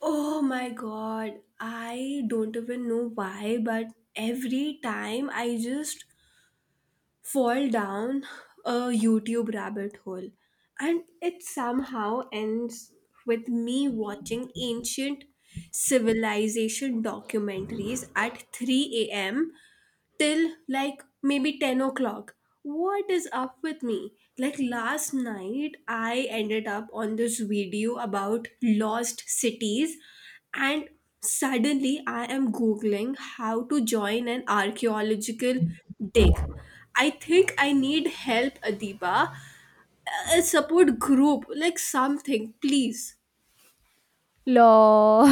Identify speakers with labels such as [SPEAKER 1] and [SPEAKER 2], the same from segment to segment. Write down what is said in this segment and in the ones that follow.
[SPEAKER 1] Oh my god, I don't even know why, but every time I just fall down a YouTube rabbit hole, and it somehow ends with me watching ancient civilization documentaries at 3 a.m till like maybe 10 o'clock. What is up with me? Like last night, I ended up on this video about lost cities, and suddenly I am Googling how to join an archaeological dig. I think I need help, Adiba. A support group, like something, please.
[SPEAKER 2] Lord,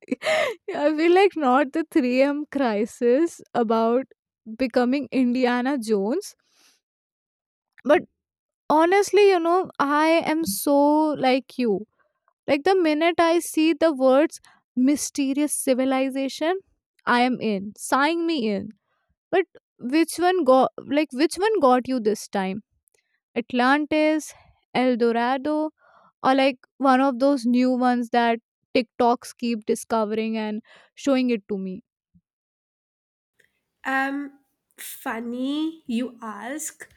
[SPEAKER 2] I feel like not the 3M crisis about becoming Indiana Jones. But honestly, you know, I am so like you. Like the minute I see the words mysterious civilization, I am in. Sign me in. But which one got you this time? Atlantis, El Dorado, or like one of those new ones that TikToks keep discovering and showing it to me.
[SPEAKER 1] Um, Funny you ask.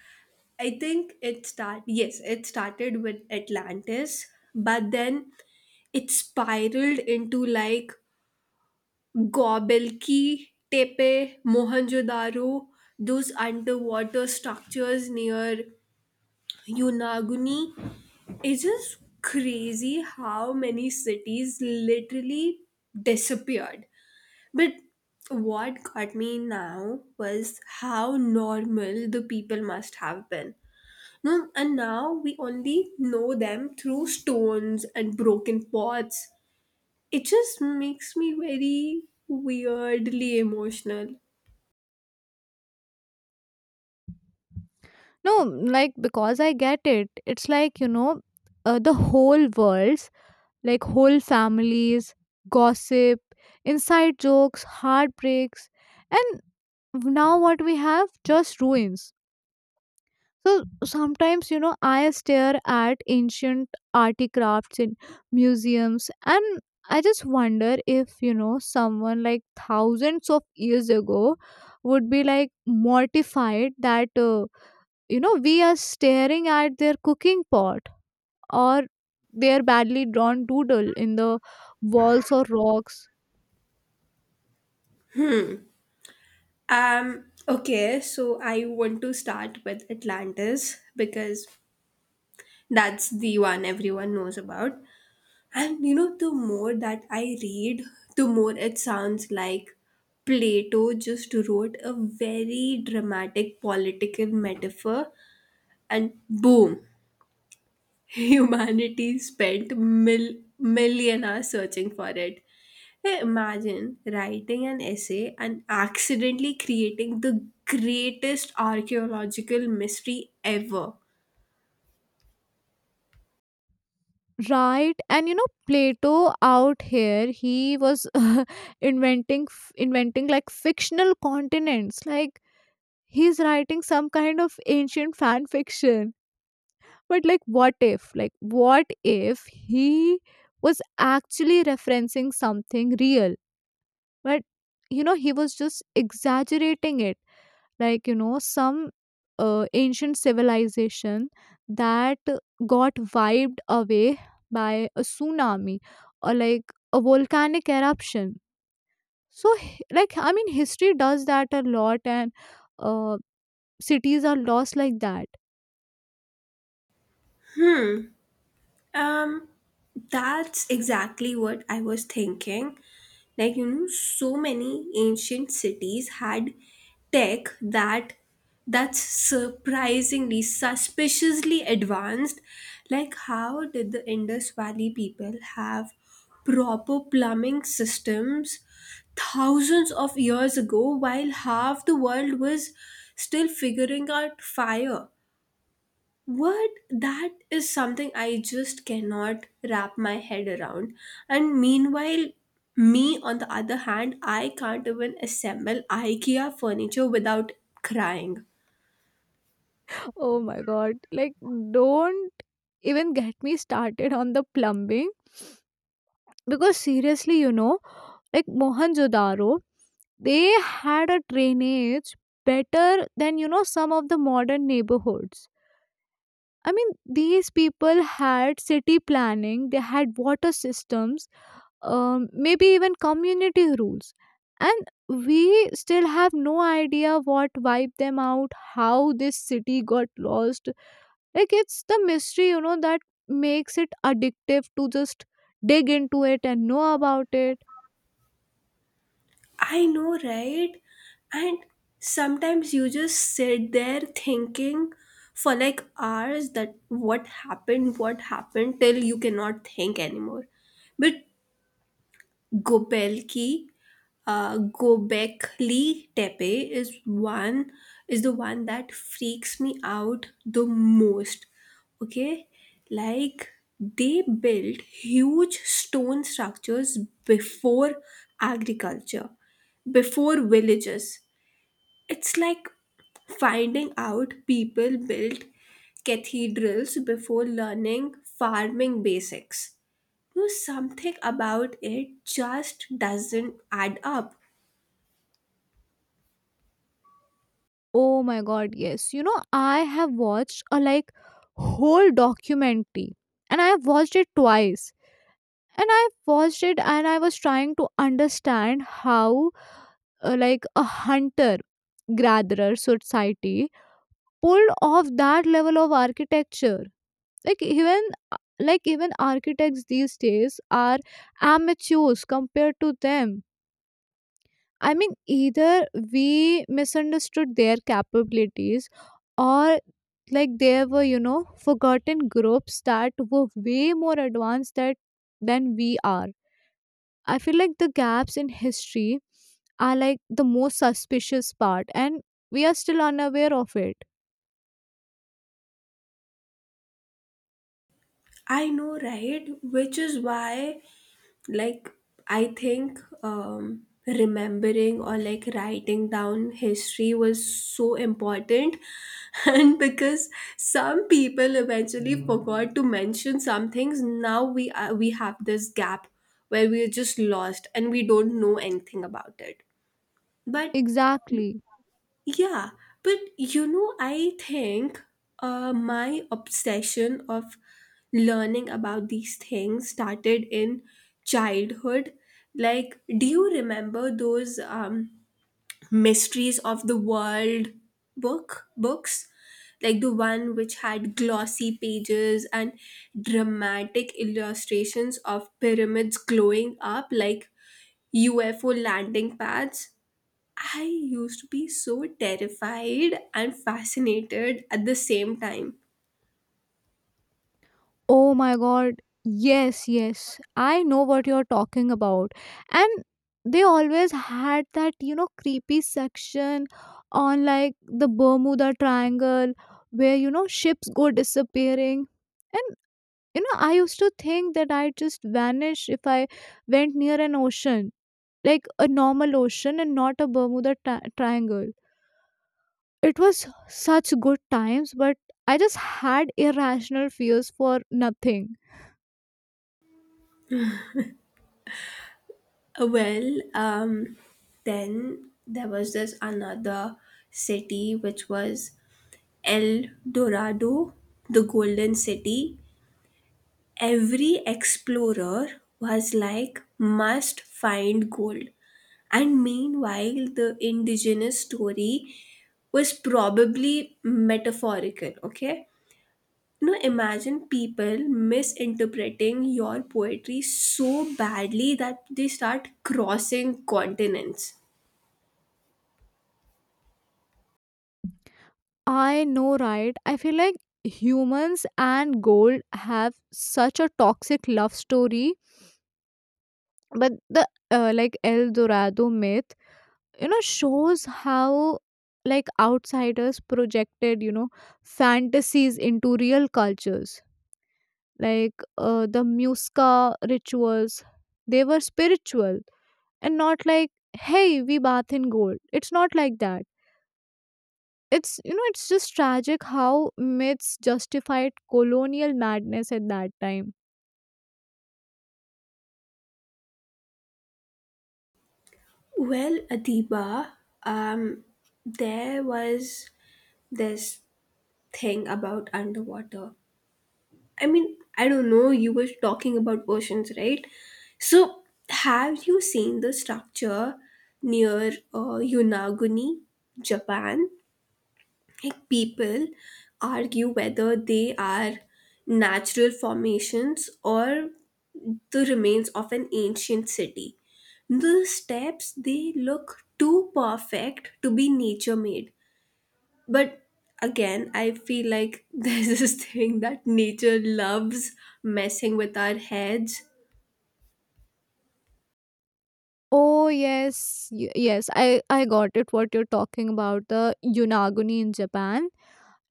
[SPEAKER 1] I think it start yes, It started with Atlantis, but then it spiraled into like Gobelki, Tepe, Mohenjo-daro, those underwater structures near Yunaguni. It's just crazy how many cities literally disappeared, but what got me now was how normal the people must have been. No, and now we only know them through stones and broken pots. It just makes me very weirdly emotional.
[SPEAKER 2] No, like because I get it. It's like, you know, the whole worlds, like whole families, gossip, inside jokes, heartbreaks, and now what we have just ruins. So sometimes, you know, I stare at ancient artifacts in museums and I just wonder if, you know, someone like thousands of years ago would be like mortified that, you know, we are staring at their cooking pot or their badly drawn doodle in the walls or rocks.
[SPEAKER 1] Um okay, so I want to start with Atlantis because that's the one everyone knows about. And you know, the more that I read, the more it sounds like Plato just wrote a very dramatic political metaphor, and boom, humanity spent million hours searching for it. Hey, imagine writing an essay and accidentally creating the greatest archaeological mystery ever.
[SPEAKER 2] Right, and you know Plato out here, he was inventing like fictional continents, like he's writing some kind of ancient fan fiction. But what if he was actually referencing something real, but you know he was just exaggerating it, like you know some ancient civilization that got wiped away by a tsunami or like a volcanic eruption. So like I mean, history does that a lot, and uh, cities are lost like that.
[SPEAKER 1] Hmm. Um, that's exactly what I was thinking. Like, you know, so many ancient cities had tech that's surprisingly suspiciously advanced. Like, how did the Indus Valley people have proper plumbing systems thousands of years ago while half the world was still figuring out fire? What? That is something I just cannot wrap my head around. And meanwhile, me on the other hand, I can't even assemble IKEA furniture without crying.
[SPEAKER 2] Oh my god, like don't even get me started on the plumbing, because seriously, you know, like Mohenjo-daro, they had a drainage better than you know some of the modern neighborhoods. I mean, these people had city planning, they had water systems, maybe even community rules, and we still have no idea what wiped them out, how this city got lost. Like it's the mystery, you know, that makes it addictive to just dig into it and know about it.
[SPEAKER 1] I know, right? And sometimes you just sit there thinking for like hours that what happened, till you cannot think anymore. But Gobelki, Gobekli Tepe is the one that freaks me out the most. Okay, like they built huge stone structures before agriculture, before villages. It's like finding out people built cathedrals before learning farming basics. You something about it just doesn't add up.
[SPEAKER 2] Oh my god, yes. You know, I have watched a like whole documentary and I have watched it 2 times. And I watched it and I was trying to understand how like a hunter gatherer society pulled off that level of architecture. Like even even architects these days are amateurs compared to them. I mean, either we misunderstood their capabilities or like there were, you know, forgotten groups that were way more advanced that than we are. I feel like the gaps in history are like the most suspicious part and we are still unaware of it.
[SPEAKER 1] I know, right? Which is why, like, I think remembering or like writing down history was so important. And because some people eventually forgot to mention some things, now we have this gap where we are just lost and we don't know anything about it. But
[SPEAKER 2] Exactly.
[SPEAKER 1] yeah, but you know, I think my obsession of learning about these things started in childhood. Like, do you remember those mysteries of the world books? Like the one which had glossy pages and dramatic illustrations of pyramids glowing up like UFO landing pads. I used to be so terrified and fascinated at the same time.
[SPEAKER 2] Oh my god. Yes, yes. I know what you're talking about. And they always had that, you know, creepy section on like the Bermuda Triangle where, you know, ships go disappearing. And, you know, I used to think that I'd just vanish if I went near an ocean, like a normal ocean and not a Triangle. It was such good times, but I just had irrational fears for nothing.
[SPEAKER 1] Well, um, then there was this another city which was El Dorado, the Golden City. Every explorer was like, must find gold. And meanwhile, the indigenous story was probably metaphorical, okay? No, imagine people misinterpreting your poetry so badly that they start crossing continents.
[SPEAKER 2] I know, right? I feel like humans and gold have such a toxic love story, but the like El Dorado myth, you know, shows how like outsiders projected, you know, fantasies into real cultures. Like the Muisca rituals, they were spiritual and not like, hey, we bath in gold. It's not like that. It's you know it's just tragic how myths justified colonial madness at that time.
[SPEAKER 1] Well, Adiba, um, there was this thing about underwater. I mean, I don't know, you were talking about oceans, right? So, have you seen the structure near Yonaguni, Japan? Like people argue whether they are natural formations or the remains of an ancient city. The steps they look too perfect to be nature made. But again, I feel like there's this thing that nature loves messing with our heads.
[SPEAKER 2] Oh yes, yes, I got it. What you're talking about, the Yunaguni in Japan,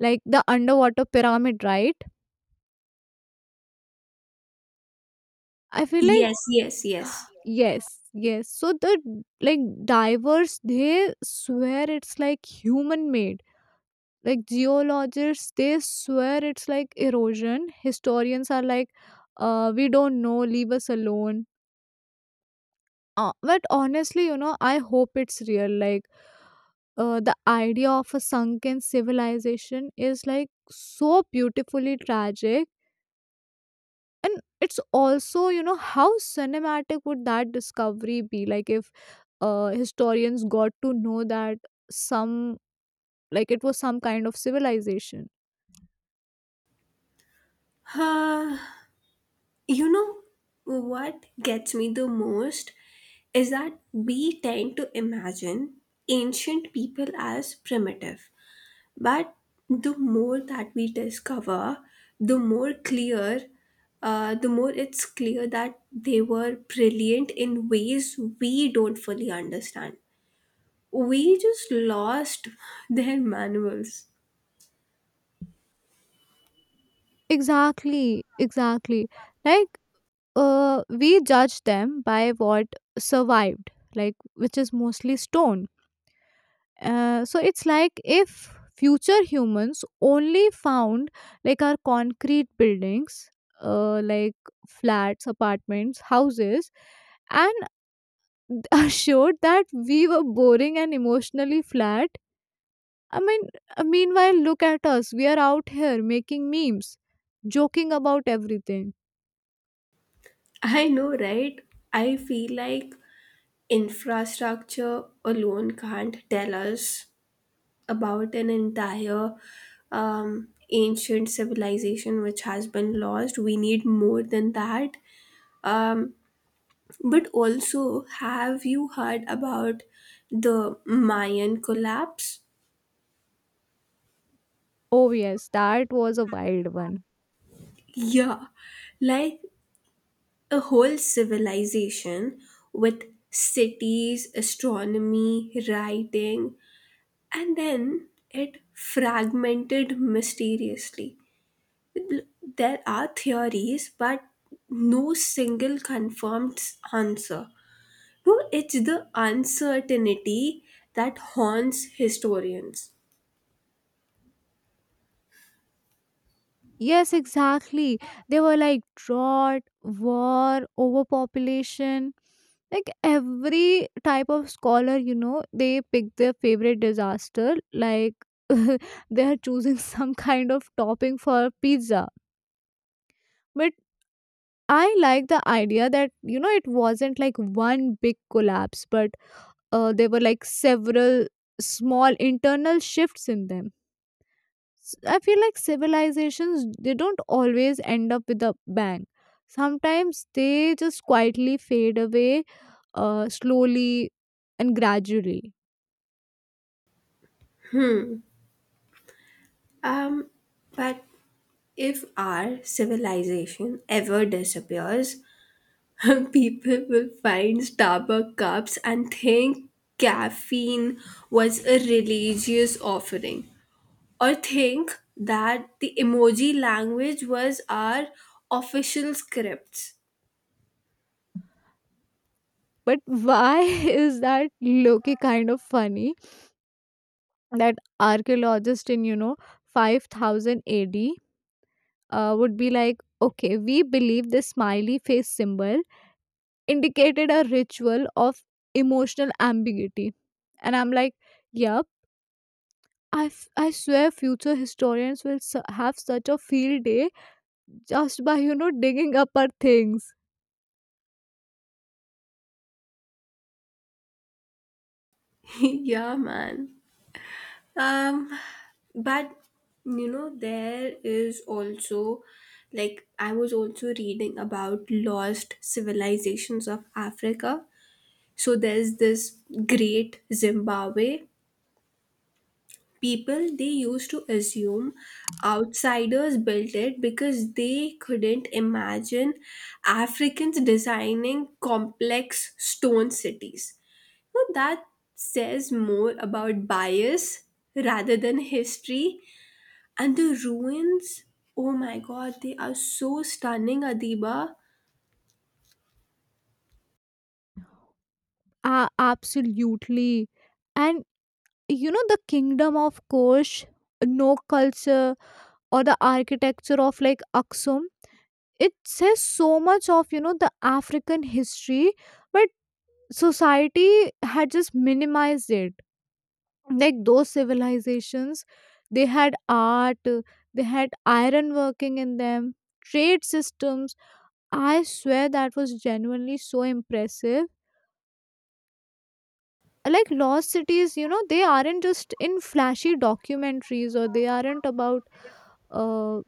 [SPEAKER 2] like the underwater pyramid, right? I feel like
[SPEAKER 1] Yes, yes, yes.
[SPEAKER 2] yes, yes. So the like divers, they swear it's like human made. Like geologists, they swear it's like erosion. Historians are like, we don't know, leave us alone. But honestly, you know, I hope it's real. Like, the idea of a sunken civilization is like so beautifully tragic. And it's also, you know, how cinematic would that discovery be? Like, if historians got to know that some, like, it was some kind of civilization.
[SPEAKER 1] You know what gets me the most is that we tend to imagine ancient people as primitive. But the more that we discover, the more clear, the more it's clear that they were brilliant in ways we don't fully understand. We just lost their manuals.
[SPEAKER 2] Exactly, exactly. Like, we judge them by what survived, like, which is mostly stone. So it's like if future humans only found like our concrete buildings, uh, like flats apartments houses, and assured that we were boring and emotionally flat. I mean, meanwhile, look at us, we are out here making memes, joking about everything.
[SPEAKER 1] I know, right? I feel like infrastructure alone can't tell us about an entire ancient civilization which has been lost. We need more than that. Um, but also, have you heard about the Mayan collapse?
[SPEAKER 2] Oh yes, that was a wild one.
[SPEAKER 1] Yeah, like a whole civilization with cities, astronomy, writing, and then it fragmented mysteriously. There are theories, but no single answer. No, it's the uncertainty that haunts historians.
[SPEAKER 2] Yes, exactly. They were like drought, war, overpopulation, like every type of scholar, you know, they pick their favorite disaster. Like they are choosing some kind of topping for pizza. But I like the idea that, you know, it wasn't like one big collapse, but there were like several small internal shifts in them. I feel like civilizations, they don't always end up with a bang. Sometimes they just quietly fade away, slowly and gradually.
[SPEAKER 1] Um, but if our civilization ever disappears, people will find Starbucks cups and think caffeine was a religious offering, or think that the emoji language was our official scripts.
[SPEAKER 2] But why is that Loki kind of funny? That archaeologist in you know 5000 A.D. Would be like, okay, we believe this smiley face symbol indicated a ritual of emotional ambiguity, and I'm like, yep. I swear future historians will have such a field day just by you know digging up our things.
[SPEAKER 1] Yeah, man. Um, but you know, there is also I was also reading about lost civilizations of Africa. So there's this great Zimbabwe people, they used to assume outsiders built it because they couldn't imagine Africans designing complex stone cities. Now that says more about bias rather than history. And the ruins, oh my god, they are so stunning, Adiba.
[SPEAKER 2] Ah, absolutely. And you know, the Kingdom of Kosh, no culture, or the architecture of like Aksum, it says so much of you know the African history. But society had just minimized it. Like those civilizations, they had art, they had iron working in them, trade systems. I swear that was genuinely so impressive. Like lost cities, you know, they aren't just in flashy documentaries, or they aren't about uh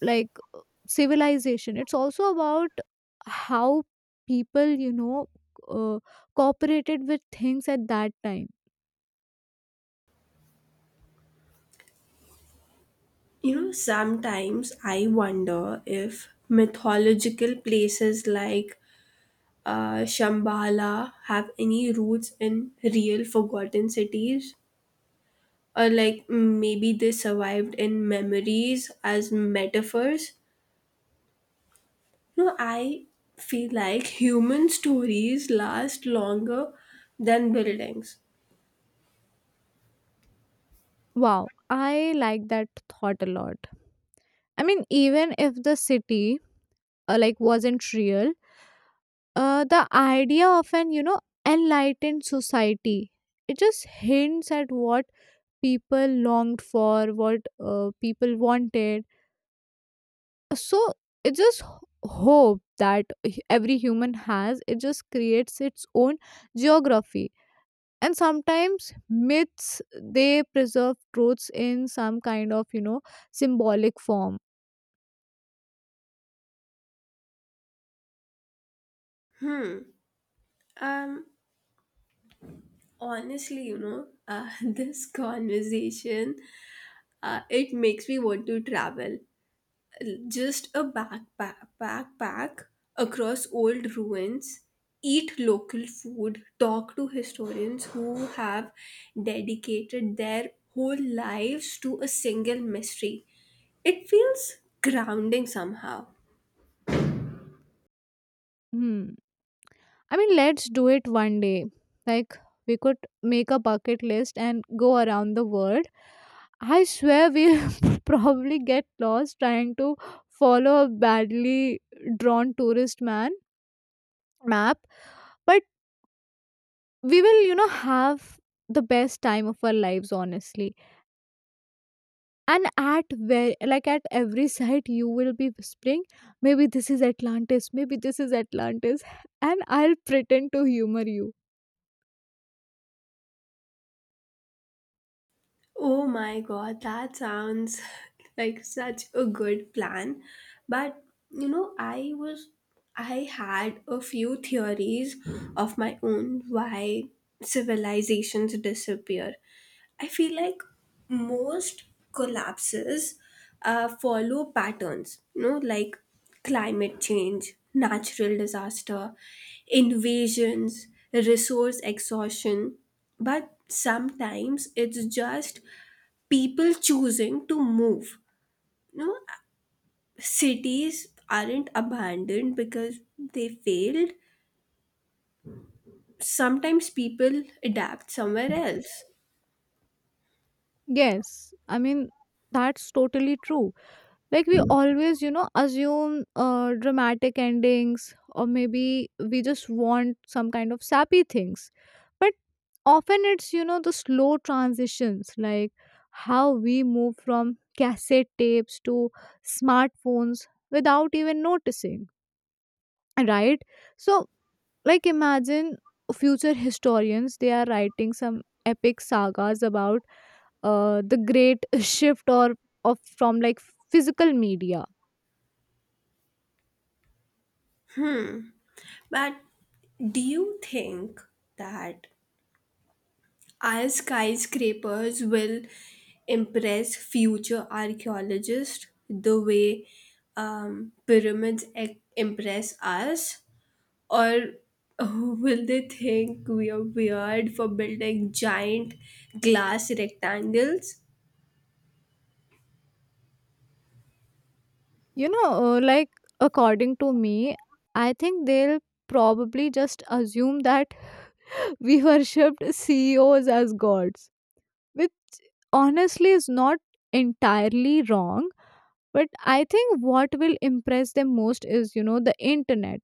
[SPEAKER 2] like uh, civilization, it's also about how people, you know, uh, cooperated with things at that time.
[SPEAKER 1] You know, sometimes I wonder if mythological places like Shambhala have any roots in real forgotten cities, or like maybe they survived in memories as metaphors. No, I feel like human stories last longer than buildings.
[SPEAKER 2] Wow, I like that thought a lot. I mean, even if the city like wasn't real, the idea of an you know enlightened society, it just hints at what people longed for, what people wanted. So it just hope that every human has. It just creates its own geography, and sometimes myths, they preserve truths in some kind of you know symbolic form.
[SPEAKER 1] Hmm. Um. Honestly, you know, this conversation, it makes me want to travel. Just a backpack across old ruins, eat local food, talk to historians who have dedicated their whole lives to a single mystery. It feels grounding somehow.
[SPEAKER 2] Hmm. I mean, let's do it one day. Like, we could make a bucket list and go around the world. I swear we'll probably get lost trying to follow a badly drawn tourist man map, but we will, you know, have the best time of our lives, honestly. And at where, like at every site you will be whispering, maybe this is Atlantis, maybe this is Atlantis, and I'll pretend to humor you.
[SPEAKER 1] Oh my god, that sounds like such a good plan. But you know, I had a few theories of my own why civilizations disappear. I feel like most collapses follow patterns, you know, like climate change, natural disaster, invasions, resource exhaustion, but sometimes it's just people choosing to move. You know, cities aren't abandoned because they failed. Sometimes people adapt somewhere else.
[SPEAKER 2] Yes, I mean, that's totally true. Like, we always, you know, assume dramatic endings, or maybe we just want some kind of sappy things. But often it's, you know, the slow transitions, like how we move from cassette tapes to smartphones without even noticing, right? So, like imagine future historians, they are writing some epic sagas about the great shift or of from like physical media.
[SPEAKER 1] But do you think that our skyscrapers will impress future archaeologists the way impress us? Or will they think we are weird for building giant glass rectangles?
[SPEAKER 2] You know, like according to me, I think they'll probably just assume that we worshipped CEOs as gods, which honestly is not entirely wrong. But I think what will impress them most is you know the internet.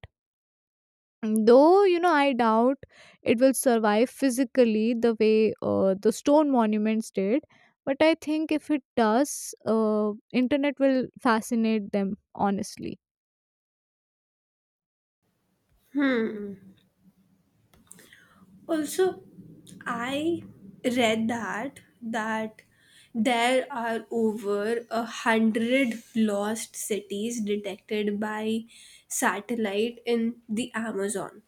[SPEAKER 2] Though, you know, I doubt it will survive physically the way the stone monuments did, but I think if it does, internet will fascinate them, honestly.
[SPEAKER 1] Also, I read that there are over a hundred lost cities detected by satellite in the Amazon.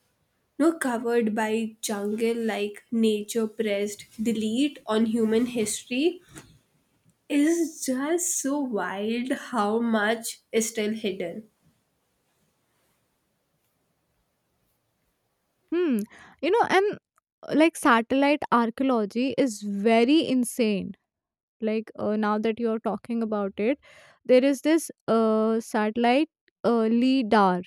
[SPEAKER 1] No, covered by jungle, like nature pressed delete on human history. Is just so wild how much is still hidden.
[SPEAKER 2] Hmm. You know, and like satellite archaeology is very insane. Like now that you're talking about it, there is this satellite LIDAR,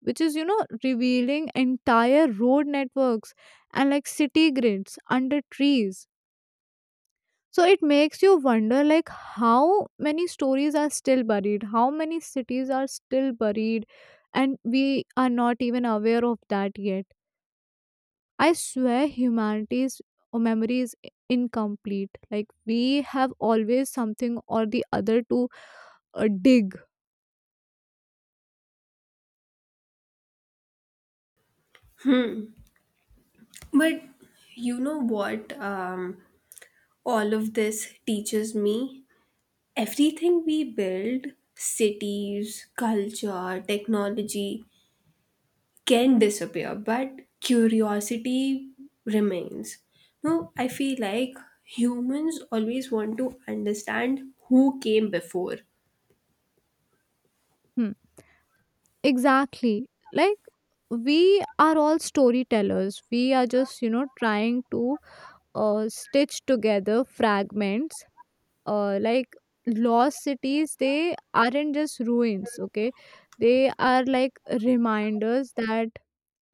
[SPEAKER 2] which is, you know, revealing entire road networks and like city grids under trees. So it makes you wonder like how many stories are still buried, how many cities are still buried and we are not even aware of that yet. I swear humanity's memory is incomplete. Like we have always something or the other to dig.
[SPEAKER 1] But you know what, all of this teaches me, everything we build, cities, culture, technology, can disappear, but curiosity remains. No, I feel like humans always want to understand who came before.
[SPEAKER 2] Hmm. Exactly. Like we are all storytellers. We are just, you know, trying to stitch together fragments. Like lost cities, they aren't just ruins, okay, they are like reminders that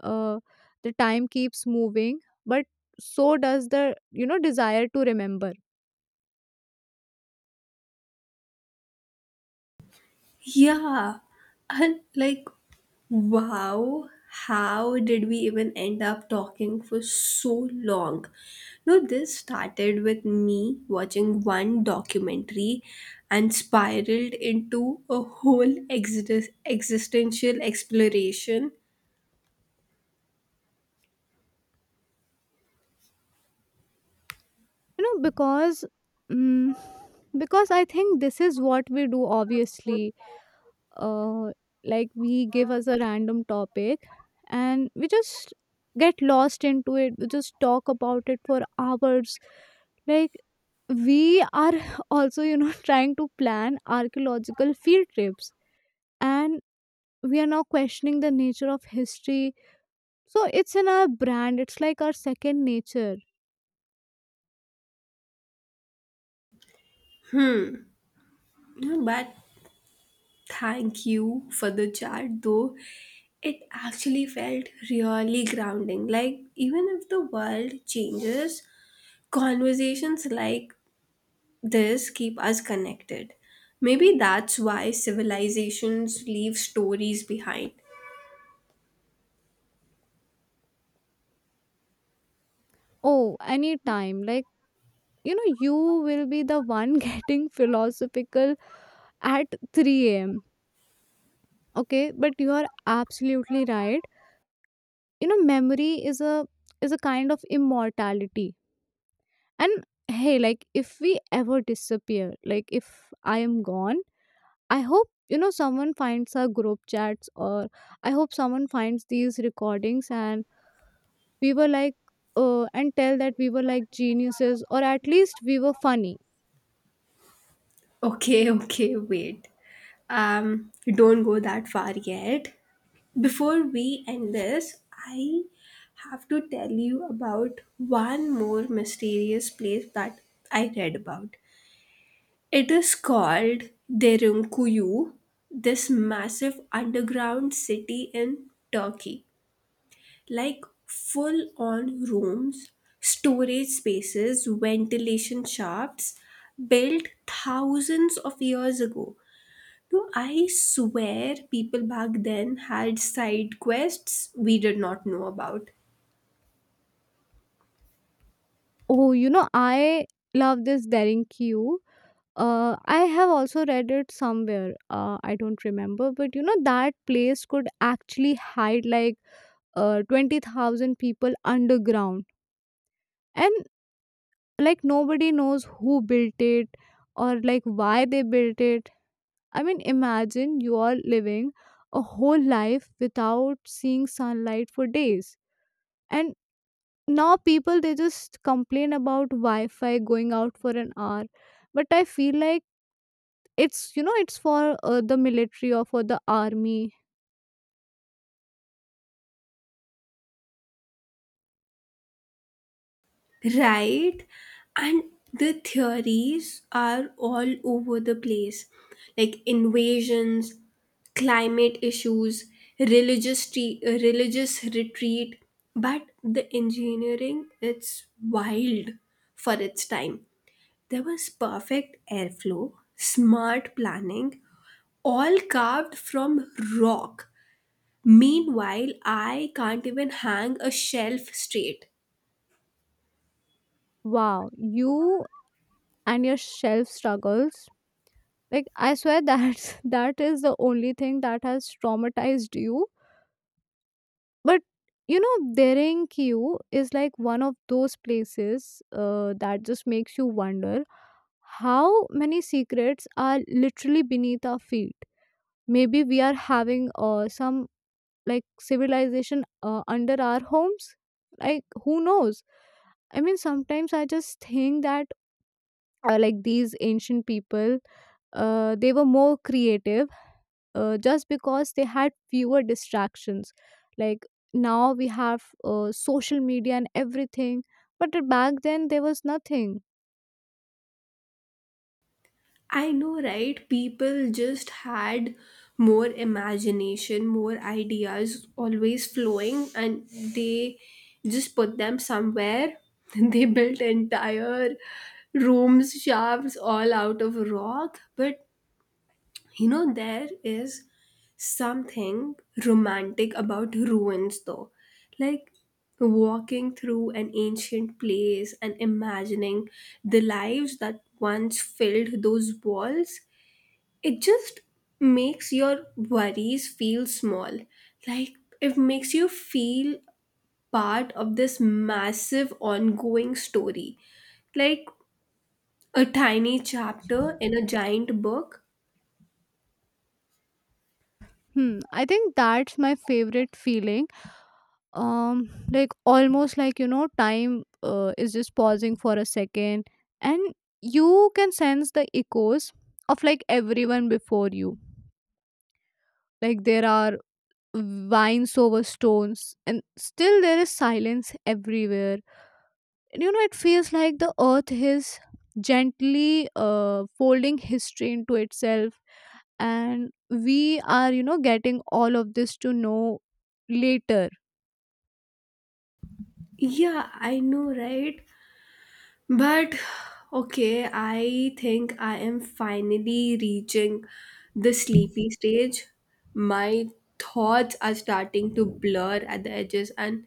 [SPEAKER 2] uh, the time keeps moving, but so does the you know desire to remember.
[SPEAKER 1] Yeah, and like, wow, how did we even end up talking for so long? No, this started with me watching one documentary and spiraled into a whole existential exploration.
[SPEAKER 2] You know because mm because I think this is what we do obviously. uh, like we give us a random topic and we just get lost into it, we just talk about it for hours. Like we are also you know trying to plan archaeological field trips, and we are now questioning the nature of history. So it's in our brand, it's like our second nature.
[SPEAKER 1] No, but thank you for the chat, though. It actually felt really grounding. Like, even if the world changes, conversations like this keep us connected. Maybe that's why civilizations leave stories behind.
[SPEAKER 2] Oh, anytime. Like, you know, you will be the one getting philosophical at 3 a.m. Okay, but you are absolutely right, you know memory is a kind of immortality. And hey, like if we ever disappear, like if I am gone, I hope you know someone finds our group chats, or I hope someone finds these recordings and we were like, and tell that we were like geniuses, or at least we were funny.
[SPEAKER 1] Okay, okay, wait, don't go that far yet. Before we end this, I have to tell you about one more mysterious place that I read about. It is called Derunkuyu, this massive underground city in Turkey. Like full on rooms, storage spaces, ventilation shafts built thousands of years ago. No, I swear people back then had side quests we did not know about.
[SPEAKER 2] Oh, you know, I love this Daring Q. I have also read it somewhere. I don't remember, but you know that place could actually hide like 20,000 people underground, and like nobody knows who built it or like why they built it. I mean, imagine you are living a whole life without seeing sunlight for days. And now people, they just complain about Wi-Fi going out for an hour, but I feel like it's you know it's for the military or for the army.
[SPEAKER 1] Right, and the theories are all over the place, like invasions, climate issues, religious retreat. But the engineering, it's wild for its time. There was perfect airflow, smart planning, all carved from rock. Meanwhile, I can't even hang a shelf straight.
[SPEAKER 2] Wow, you and your shelf struggles. Like I swear that that is the only thing that has traumatized you. But you know Derenkyu is like one of those places that just makes you wonder how many secrets are literally beneath our feet. Maybe we are having some like civilization under our homes, like who knows. I mean sometimes I just think that like these ancient people, they were more creative, just because they had fewer distractions. Like now we have social media and everything, but back then there was nothing.
[SPEAKER 1] I know, right? People just had more imagination, more ideas always flowing, and they just put them somewhere. They built entire rooms, shafts, all out of rock. But you know, there is something romantic about ruins, though. Like, walking through an ancient place and imagining the lives that once filled those walls, it just makes your worries feel small, like it makes you feel part of this massive ongoing story, like a tiny chapter in a giant book.
[SPEAKER 2] Hmm, I think that's my favorite feeling. Like almost like you know, time is just pausing for a second, and you can sense the echoes of like everyone before you. Like there are vines over stones, and still there is silence everywhere. You know it feels like the earth is gently folding history into itself and we are you know getting all of this to know later.
[SPEAKER 1] Yeah, I know, right. But okay, I think I am finally reaching the sleepy stage. My thoughts are starting to blur at the edges, and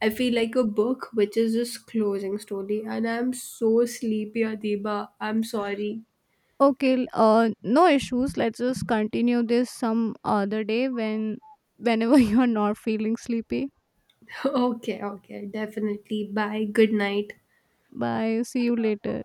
[SPEAKER 1] I feel like a book which is just closing slowly. And I'm so sleepy, Adiba. I'm sorry.
[SPEAKER 2] Okay, no issues, let's just continue this some other day when whenever you are not feeling sleepy.
[SPEAKER 1] Okay, okay, definitely. Bye. Good night.
[SPEAKER 2] Bye, see you later.